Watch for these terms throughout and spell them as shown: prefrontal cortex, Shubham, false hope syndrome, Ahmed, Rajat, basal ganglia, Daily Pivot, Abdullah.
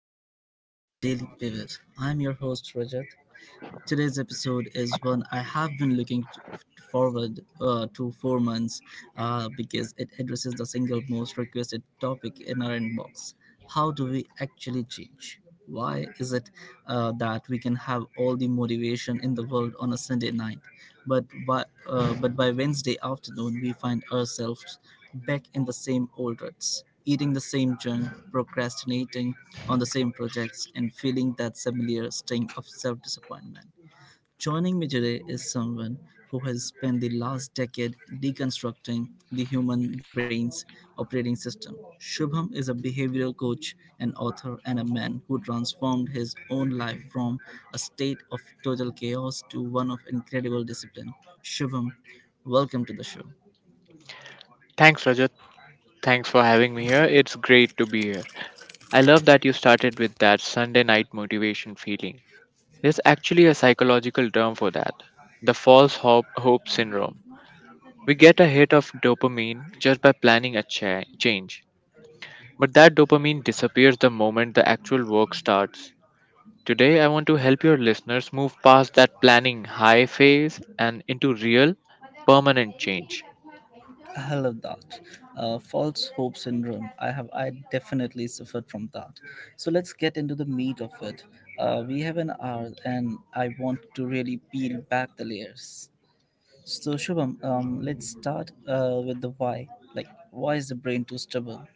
welcome back to the Daily Pivot. I'm your host Rajat. Today's episode is one I have been forward to for months, because it addresses the single most requested topic in our inbox. How do we actually change? Why is it, that we can have all the motivation in the world on a Sunday night, but by Wednesday afternoon we find ourselves back in the same old ruts, eating the same junk, procrastinating on the same projects, and feeling that familiar sting of self disappointment? Joining me today is someone who has spent the last decade deconstructing the human brain's operating system. Shubham is a behavioral coach, an author, and a man who transformed his own life from a state of total chaos to one of incredible discipline. Shubham, welcome to the show. Thanks, Rajat. Thanks for having me here. It's great to be here. I love that you started with that Sunday night motivation feeling. There's actually a psychological term for that the false hope, hope syndrome. We get a hit of dopamine just by planning a change, but that dopamine disappears the moment the actual work starts. Today, I want to help your listeners move past that planning high phase and into real, permanent change. I love that. False hope syndrome. I definitely suffered from that. So let's get into the meat of it. We have an hour, and I want to really peel back the layers. So Shubham, let's start with the why. Like, why is the brain too stubborn?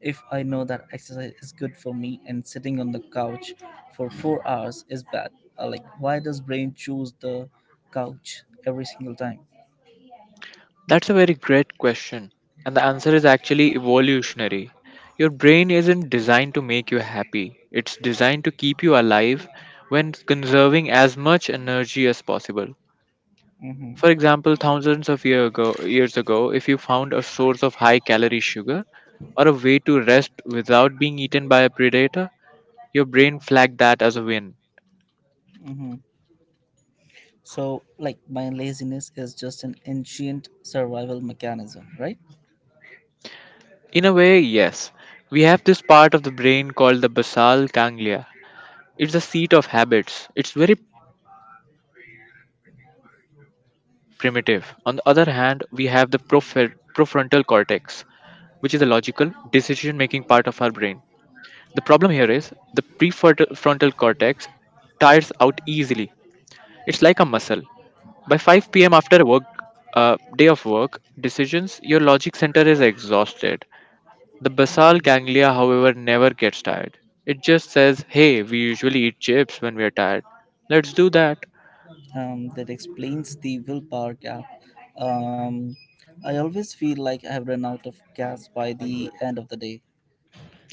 If I know that exercise is good for me and sitting on the couch for four hours is bad, like, why does brain choose the couch every single time? That's a very great question. And the answer is actually evolutionary. Your brain isn't designed to make you happy, it's designed to keep you alive when conserving as much energy as possible. For example, thousands of year ago, years ago, if you found a source of high calorie sugar or a way to rest without being eaten by a predator, your brain flagged that as a win. Mm-hmm. So, like, my laziness is just an ancient survival mechanism, right? In a way, yes. We have this part of the brain called the basal ganglia. It's the seat of habits. It's very primitive. On the other hand, we have the profrontal cortex, which is the logical, decision making part of our brain. The problem here is the prefrontal cortex tires out easily. It's like a muscle. By 5 p.m. after a work day of work decisions, your logic center is exhausted. The basal ganglia, however, never gets tired. It just says, "Hey, we usually eat chips when we are tired. Let's do that." That explains the willpower gap. Um, I always feel like I have run out of gas by the end of the day.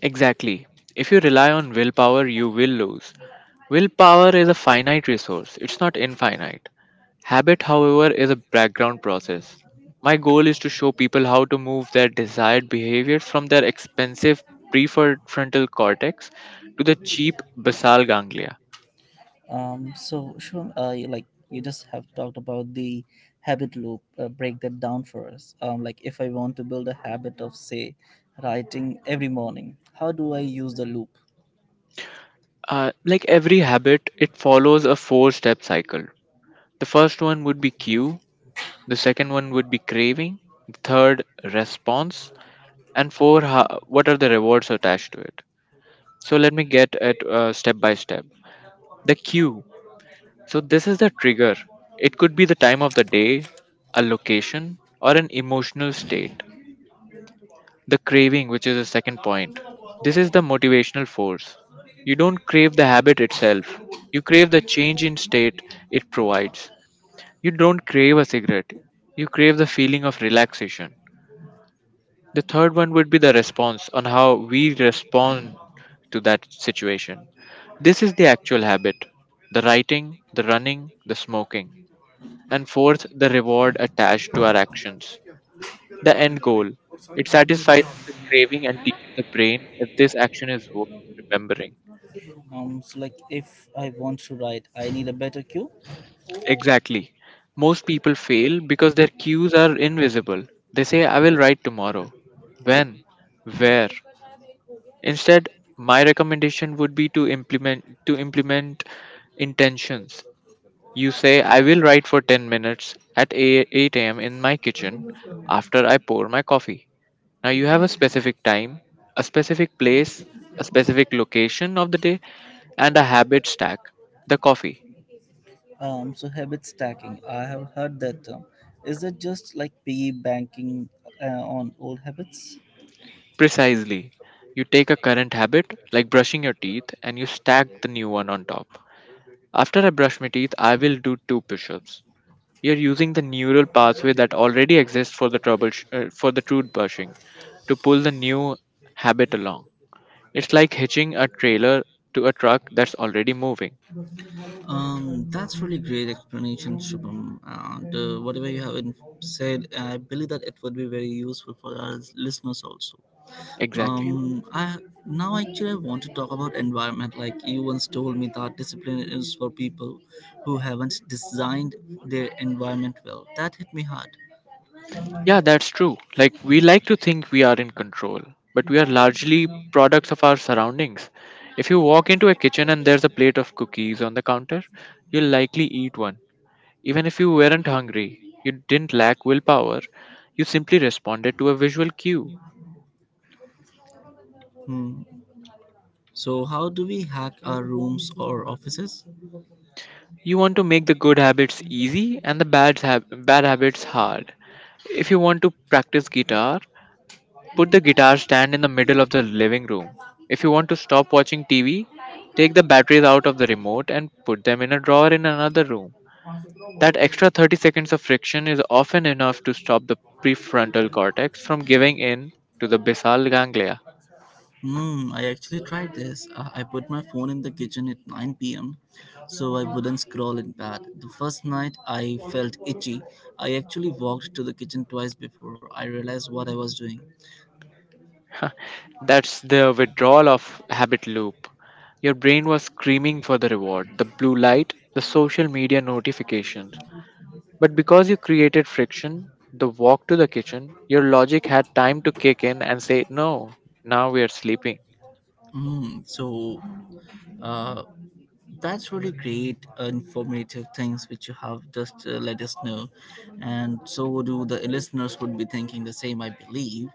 Exactly. If you rely on willpower, you will lose. Willpower is a finite resource, it's not infinite. Habit, however, is a background process. My goal is to show people how to move their desired behaviors from their expensive prefrontal cortex to the cheap basal ganglia. So, Shivam, like, you just have talked about the habit loop. Break that down for us. Like, if I want to build a habit of, say, writing every morning, how do I use the loop? Like every habit, it follows a four step cycle. The first one would be cue, the second one would be craving, the third, response, and four, what are the rewards attached to it? So let me get at step by step. The cue. So this is the trigger. It could be the time of the day, a location, or an emotional state. The craving, which is the second point. This is the motivational force. You don't crave the habit itself. You crave the change in state it provides. You don't crave a cigarette. You crave the feeling of relaxation. The third one would be the response on how we respond to that situation. This is the actual habit the writing, the running, the smoking. And fourth, the reward attached to our actions. The end goal. It satisfies the craving and teaches the brain that this action is worth remembering. So, like, if I want to write, I need a better cue. Exactly. Most people fail because their cues are invisible. They say, I will write tomorrow. When? Where? Instead, my recommendation would be to implement intentions. You say, I will write for 10 minutes at 8 a.m. in my kitchen after I pour my coffee. Now you have a specific time, a specific place, a specific location of the day, and a habit stack the coffee. So habit stacking. I have heard that term. Is it just like piggy banking uh, on old habits? Precisely. You take a current habit, like brushing your teeth, and you stack the new one on top. After I brush my teeth, I will do two push ups. You're using the neural pathway that already exists for the trouble for the truth brushing to pull the new habit along. It's like hitching a trailer to a truck that's already moving. That's really great explanation, Shubham. And whatever you have said, I believe that it would be very useful for our listeners also. Exactly. I Now actually I want to talk about environment. Like you once told me that discipline is for people who haven't designed their environment well. That hit me hard. Yeah, that's true. Like, we like to think we are in control, but we are largely products of our surroundings. If you walk into a kitchen and there's a plate of cookies on the counter, you'll likely eat one. Even if you weren't hungry, you didn't lack willpower, you simply responded to a visual cue. So how do we hack our rooms or offices? You want to make the good habits easy and the bad, bad habits hard. If you want to practice guitar, put the guitar stand in the middle of the living room. If you want to stop watching TV, take the batteries out of the remote and put them in a drawer in another room. That extra 30 seconds of friction is often enough to stop the prefrontal cortex from giving in to the basal ganglia. Hmm, I actually tried this. I put my phone in the kitchen at 9 p.m. so I wouldn't scroll in bed. The first night I felt itchy. I actually walked to the kitchen twice before I realized what I was doing. That's the withdrawal of habit loop. Your brain was screaming for the reward, the blue light, the social media notifications. But because you created friction, the walk to the kitchen, your logic had time to kick in and say, no, now we are sleeping. Mm, so uh, that's really great, informative things which you have just let us know, and so do the listeners would be thinking the same, I believe.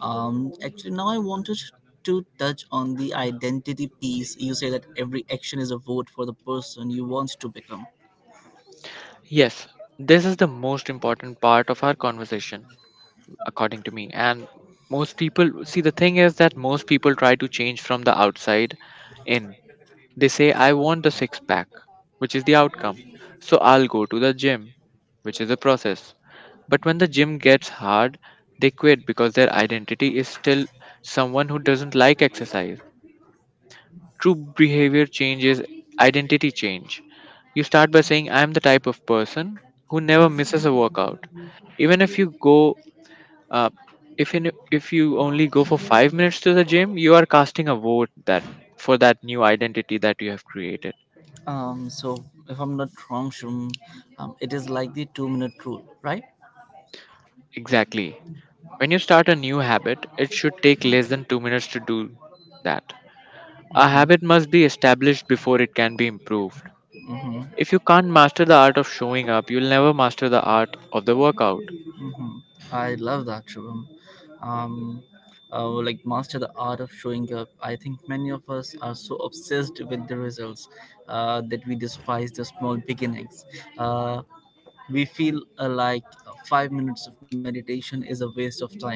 Actually, now I wanted to touch on the identity piece. You say that every action is a vote for the person you want to become. Yes, this is the most important part of our conversation, according to me. And most people see the thing is that most people try to change from the outside in. They say, I want a six pack, which is the outcome. So I'll go to the gym, which is the process. But when the gym gets hard, they quit because their identity is still someone who doesn't like exercise. True behavior change is identity change. You start by saying, I am the type of person who never misses a workout. Even if you go, uh, if you only go for 5 minutes to the gym, you are casting a vote that for that new identity that you have created. So if I'm not wrong, Shum, it is like the two-minute rule, right? Exactly. When you start a new habit, it should take less than 2 minutes to do that. A Mm-hmm. habit must be established before it can be improved. Mhm. If you can't master the art of showing up, you'll never master the art of the workout. Mhm. I love that, Shubham. Um, like master the art of showing up. I think many of us are so obsessed with the results, that we despise the small beginnings. Uh, we feel like five minutes of meditation is a waste of time.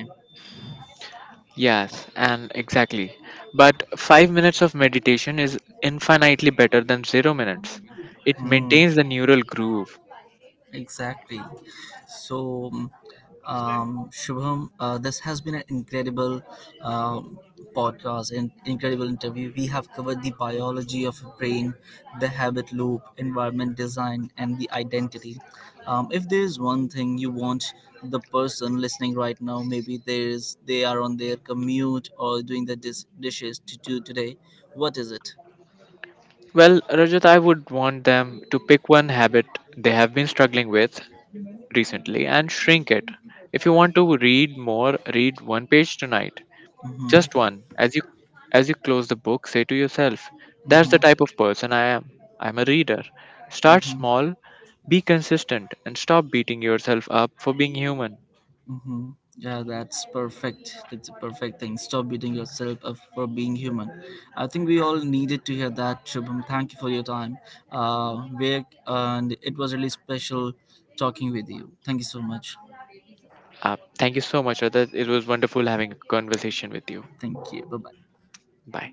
Yes, and exactly. But 5 minutes of meditation is infinitely better than 0 minutes. It Mm. maintains the neural groove. Exactly. So, Shubham, this has been an incredible um podcast and incredible interview. We have covered the biology of a brain, the habit loop, environment design, and the identity. If there is one thing you want the person listening right now, maybe there is they are on their commute or doing the dishes to do today, what is it? Well, Rajat, I would want them to pick one habit they have been struggling with recently and shrink it. If you want to read more, read one page tonight. Just one. As you close the book, say to yourself, that's Mm-hmm, the mm-hmm. type of person I am. I'm a reader. Start Mm-hmm. small, be consistent and stop beating yourself up for being human. Mm-hmm. Yeah, that's perfect. That's a perfect thing. Stop beating yourself up for being human. I think we all needed to hear that, Shubham. Thank you for your time. Uh, and it was really special talking with you. Thank you so much. Thank you so much, Radha. It was wonderful having a conversation with you. Thank you. Bye bye. Bye.